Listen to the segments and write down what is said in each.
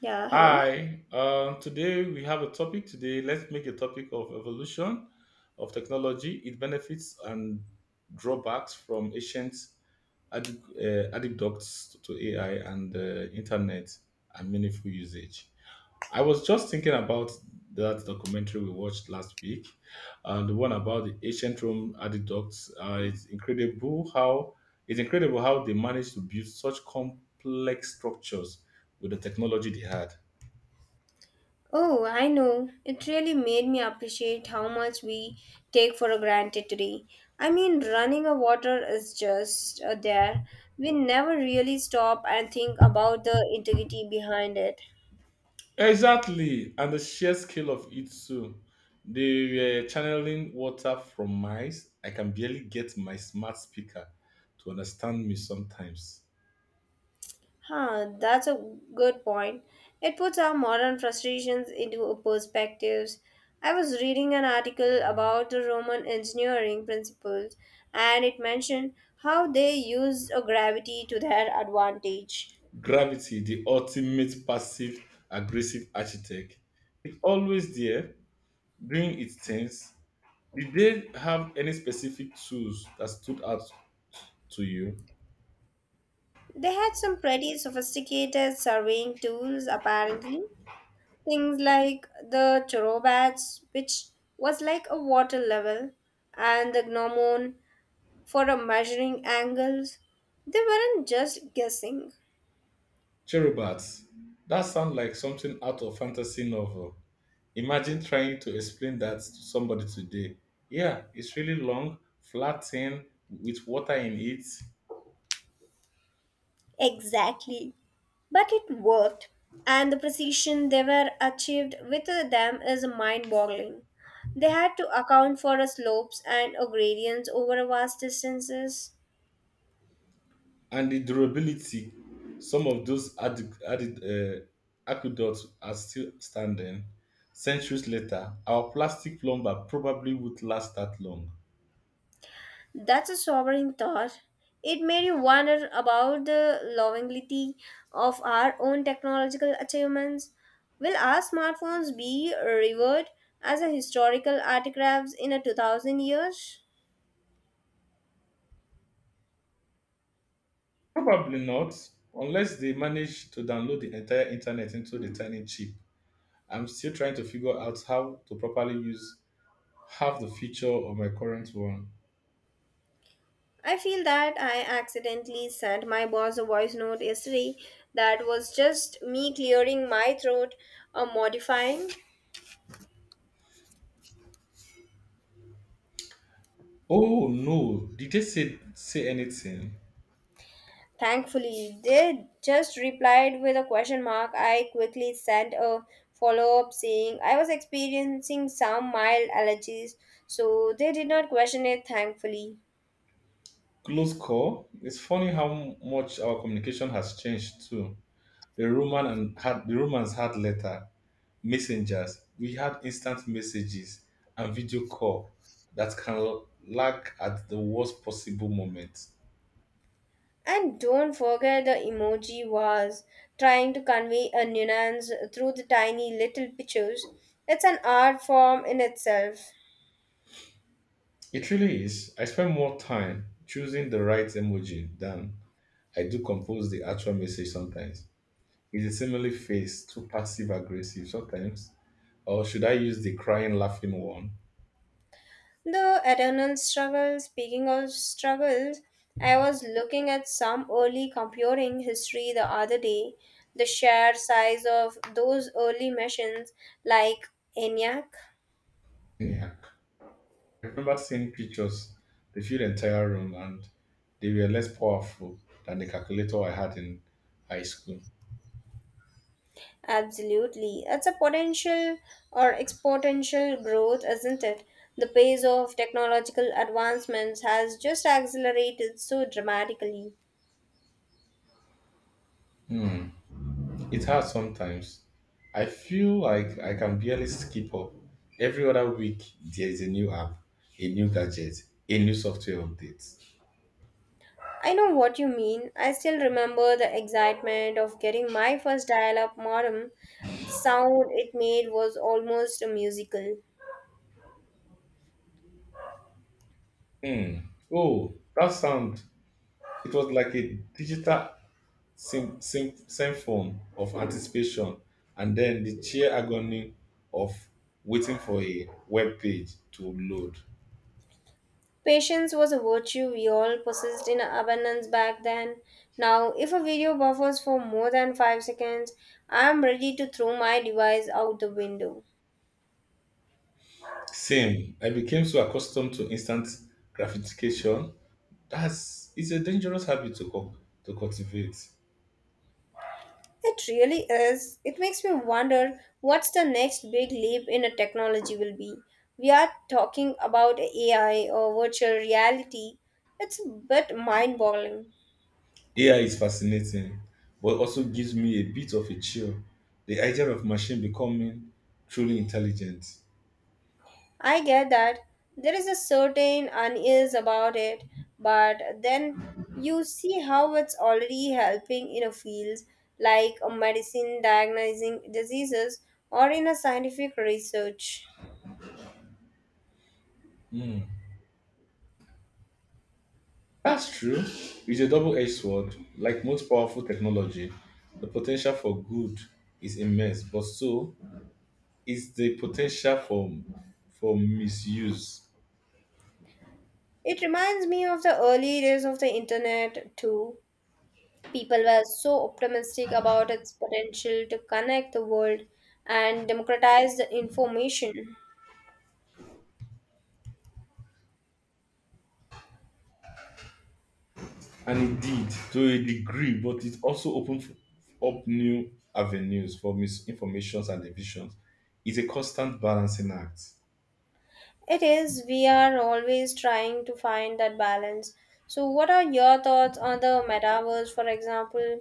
Yeah, hello. Hi. Today we have a topic. Today, let's make a topic of evolution of technology, its benefits and drawbacks from ancient adducts to AI and internet and meaningful usage. I was just thinking about that documentary we watched last week, the one about the ancient Rome aqueducts. It's incredible how it's incredible how they managed to build such complex structures with the technology they had. Oh, I know. It really made me appreciate how much we take for granted today. I mean, running a water is just there. We never really stop and think about the integrity behind it. Exactly, and the sheer scale of it too. They were channeling water from mice. I can barely get my smart speaker to understand me sometimes. Huh, that's a good point. It puts our modern frustrations into a perspectives. I was reading an article about the Roman engineering principles, and it mentioned how they used a gravity to their advantage. Gravity, the ultimate passive aggressive architect, is always there doing its things. Did they have any specific tools that stood out to you? They had some pretty sophisticated surveying tools, apparently. Things like the Chorobats, which was like a water level, and the Gnomon for a measuring angles. They weren't just guessing. Cherubat, that sounds like something out of fantasy novel. Imagine trying to explain that to somebody today. Yeah, it's really long, flat tin with water in it, Exactly. But it worked, and the precision they were achieved with them is mind boggling. They had to account for slopes and gradients over vast distances. and the durability. Some of those added, added aqueducts are still standing. Centuries later, our plastic plumber probably would last that long. That's a sobering thought. It made you wonder about the longevity of our own technological achievements. Will our smartphones be revered as a historical artifacts in a 2000 years? Probably not, unless they manage to download the entire internet into the tiny chip. I'm still trying to figure out how to properly use half the feature of my current one. I feel that I accidentally sent my boss a voice note yesterday that was just me clearing my throat or modifying. Oh no, did they say anything? Thankfully, they just replied with a question mark. I quickly sent a follow up saying I was experiencing some mild allergies, so they did not question it, thankfully. Close call. It's funny how much our communication has changed too. The Romans had letter, messengers. We had instant messages and video call that can lag at the worst possible moment. And don't forget the emoji was trying to convey a nuance through the tiny little pictures. It's an art form in itself. It really is. I spend more time choosing the right emoji than I do compose the actual message sometimes. It's a similarly face too passive aggressive sometimes. Or should I use the crying laughing one? The eternal struggle, speaking of struggles, I was looking at some early computing history the other day. The sheer size of those early machines, like ENIAC, Anyhow, I remember seeing pictures, they filled the entire room and they were less powerful than the calculator I had in high school. absolutely. It's a potential or exponential growth, isn't it? The pace of technological advancements has just accelerated so dramatically. Hmm. It's hard sometimes. I feel like I can barely skip up. Every other week, there is a new app, a new gadget, a new software update. I know what you mean. I still remember the excitement of getting my first dial up modem. The sound it made was almost a musical. Hmm. Oh, that sound. It was like a digital symptom of anticipation and then the sheer agony of waiting for a web page to load. Patience was a virtue we all possessed in abundance back then. Now, if a video buffers for more than 5 seconds, I am ready to throw my device out the window. Same, I became so accustomed to instant gratification. That's it's a dangerous habit to to cultivate. It really is. It makes me wonder what's the next big leap in a technology will be. We are talking about AI or virtual reality. It's a bit mind boggling. AI is fascinating, but also gives me a bit of a chill. The idea of machine becoming truly intelligent. I get that there is a certain unease about it, but then you see how it's already helping in a field like a medicine diagnosing diseases or in a scientific research. Hmm. That's true. It's a double edged sword. Like most powerful technology, the potential for good is immense, but so is the potential for misuse. It reminds me of the early days of the internet too. People were so optimistic about its potential to connect the world and democratize the information. And indeed, to a degree, but it also opens up new avenues for misinformations and divisions. It's a constant balancing act. It is, we are always trying to find that balance. So, what are your thoughts on the metaverse, for example?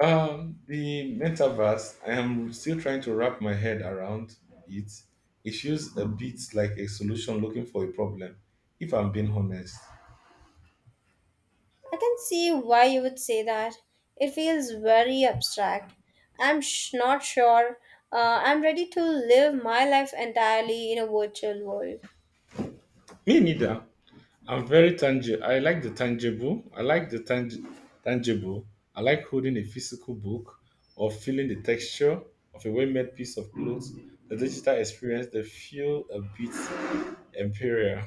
The metaverse, I am still trying to wrap my head around it. It feels a bit like a solution looking for a problem, if I'm being honest. I can see why you would say that. It feels very abstract. Not sure. I'm ready to live my life entirely in a virtual world. Me neither. I'm very tangible. I like the tangible. I like the tangible. I like holding a physical book or feeling the texture of a well made piece of clothes. The digital experience, they feel a bit imperial.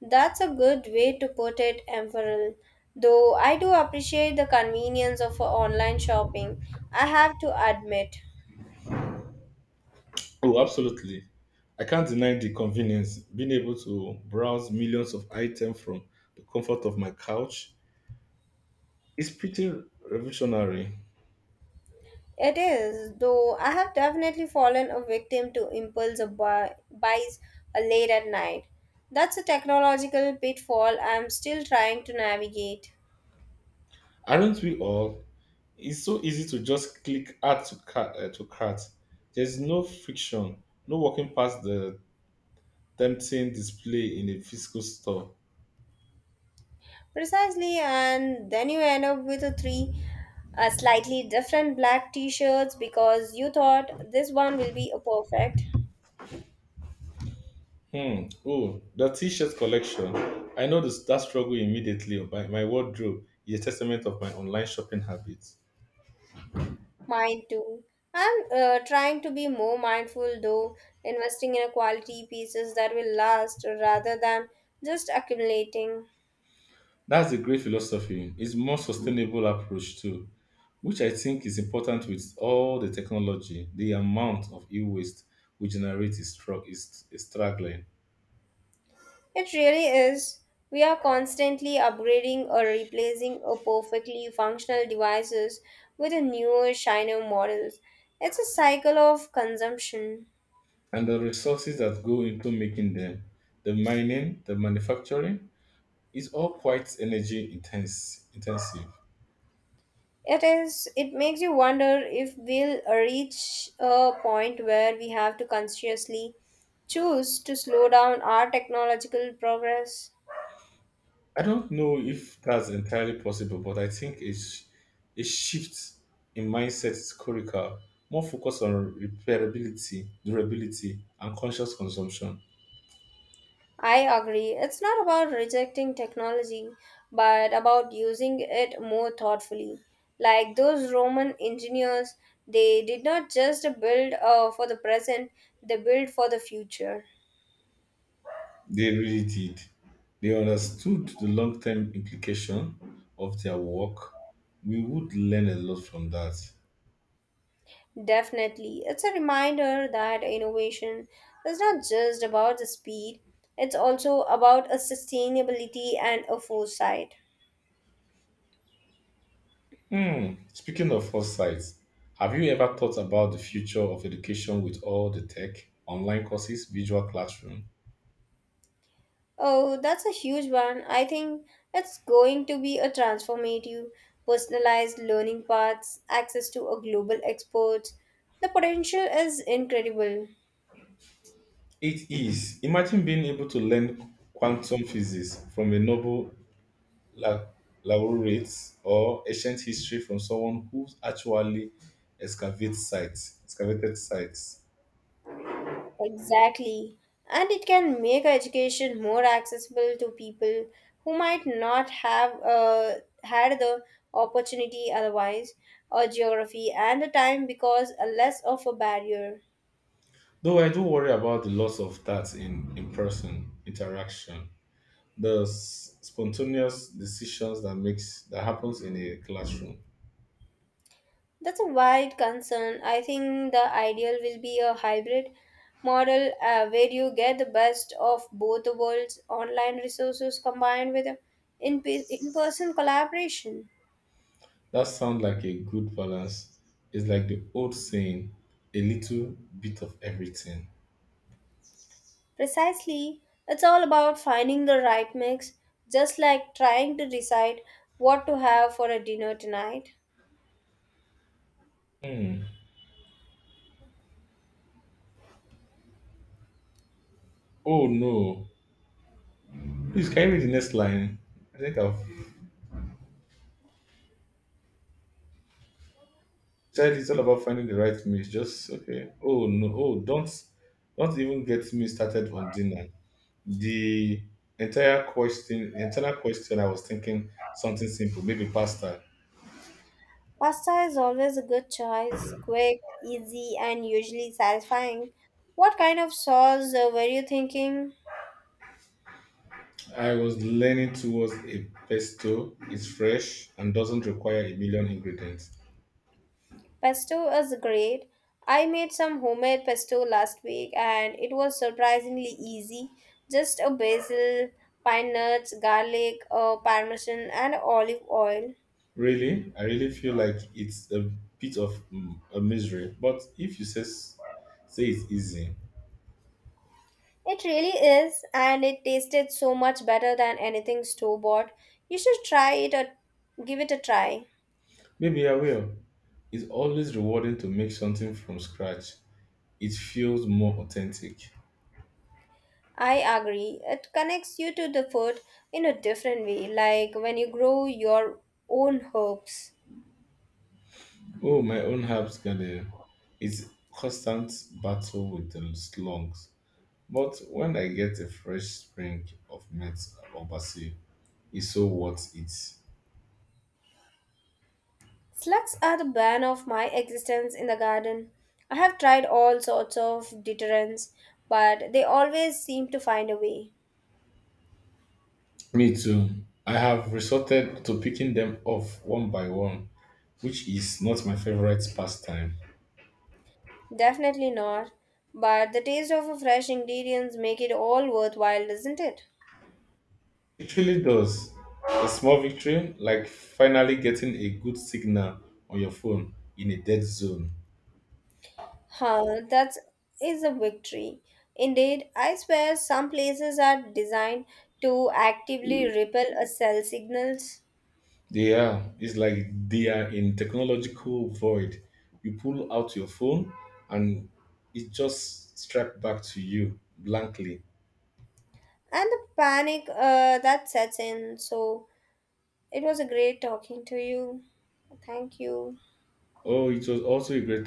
That's a good way to put it, Emperor. Though I do appreciate the convenience of online shopping, I have to admit. Oh, absolutely. I can't deny the convenience. Being able to browse millions of items from the comfort of my couch is pretty revolutionary. It is, though I have definitely fallen a victim to impulse buys late at night. That's a technological pitfall I'm still trying to navigate. Aren't we all? It's so easy to just click add to cart. To cart. There's no friction, no walking past the tempting display in a physical store. Precisely, and then you end up with a three slightly different black t shirts because you thought this one will be a perfect. Hmm. Oh, the T-shirt collection. I know this, that struggle immediately. My wardrobe is a testament of my online shopping habits. Mine too. I'm trying to be more mindful though, investing in a quality pieces that will last rather than just accumulating. That's a great philosophy. It's more sustainable approach too, which I think is important with all the technology. The amount of e-waste we generate is struggling, It really is. We are constantly upgrading or replacing a perfectly functional devices with a newer, shinier models. It's a cycle of consumption. and the resources that go into making them, the mining, the manufacturing, is all quite intensive. It is. It makes you wonder if we'll reach a point where we have to consciously choose to slow down our technological progress. I don't know if that's entirely possible, but I think a shift in mindset is critical. More focus on repairability, durability, and conscious consumption. I agree. It's not about rejecting technology, but about using it more thoughtfully. Like those Roman engineers, they did not just build for the present, they built for the future. They really did. They understood the long term implication of their work. We would learn a lot from that. Definitely. It's a reminder that innovation is not just about the speed, it's also about a sustainability and a foresight. Hmm. Speaking of foresight, have you ever thought about the future of education with all the tech, online courses, visual classroom? Oh, that's a huge one. I think it's going to be a transformative, personalized learning paths, access to a global expert. The potential is incredible. It is. Imagine being able to learn quantum physics from a Nobel la- laureate or ancient history from someone who actually excavated sites. Exactly. And it can make education more accessible to people who might not have had the opportunity otherwise, or geography and the time because a less of a barrier. Though I do worry about the loss of that in in-person interaction, the spontaneous decisions that makes that happens in a classroom. That's a wide concern. I think the ideal will be a hybrid model where you get the best of both the worlds, online resources combined with in person collaboration. That sounds like a good balance. It's like the old saying, a little bit of everything. Precisely, it's all about finding the right mix, just like trying to decide what to have for a dinner tonight. Hmm. Oh no, please, can you read the next line? I think I've said it's all about finding the right mate. Just okay. Oh no. Oh, don't even get me started on dinner. The the entire question, I was thinking something simple, maybe pasta. Pasta is always a good choice, quick, easy, and usually satisfying. What kind of sauce were you thinking? I was leaning towards a pesto. It's fresh and doesn't require a million ingredients. Pesto is great. I made some homemade pesto last week, and it was surprisingly easy. Just a basil, pine nuts, garlic, parmesan, and olive oil. Really, I really feel like it's a bit of a misery. But if you says say it's easy, It really is, and it tasted so much better than anything store bought. You should try it or give it a try. maybe I will. It's always rewarding to make something from scratch. It feels more authentic. I agree. It connects you to the food in a different way, like when you grow your own herbs. Oh, my own herbs garden. It's constant battle with the slugs. But when I get a fresh spring of mint or basil, it's so worth it. Slugs are the bane of my existence in the garden. I have tried all sorts of deterrents, but they always seem to find a way. Me too. I have resorted to picking them off one by one, which is not my favorite pastime. Definitely not. But the taste of fresh ingredients make it all worthwhile, doesn't it? It really does. A small victory, like finally getting a good signal on your phone in a dead zone. Huh, that is a victory. Indeed, I swear some places are designed to actively repel a cell signals, They are. It's like they are in technological void. You pull out your phone and it just strapped back to you blankly. and the panic that sets in. So it was a great talking to you. Thank you. Oh, it was also a great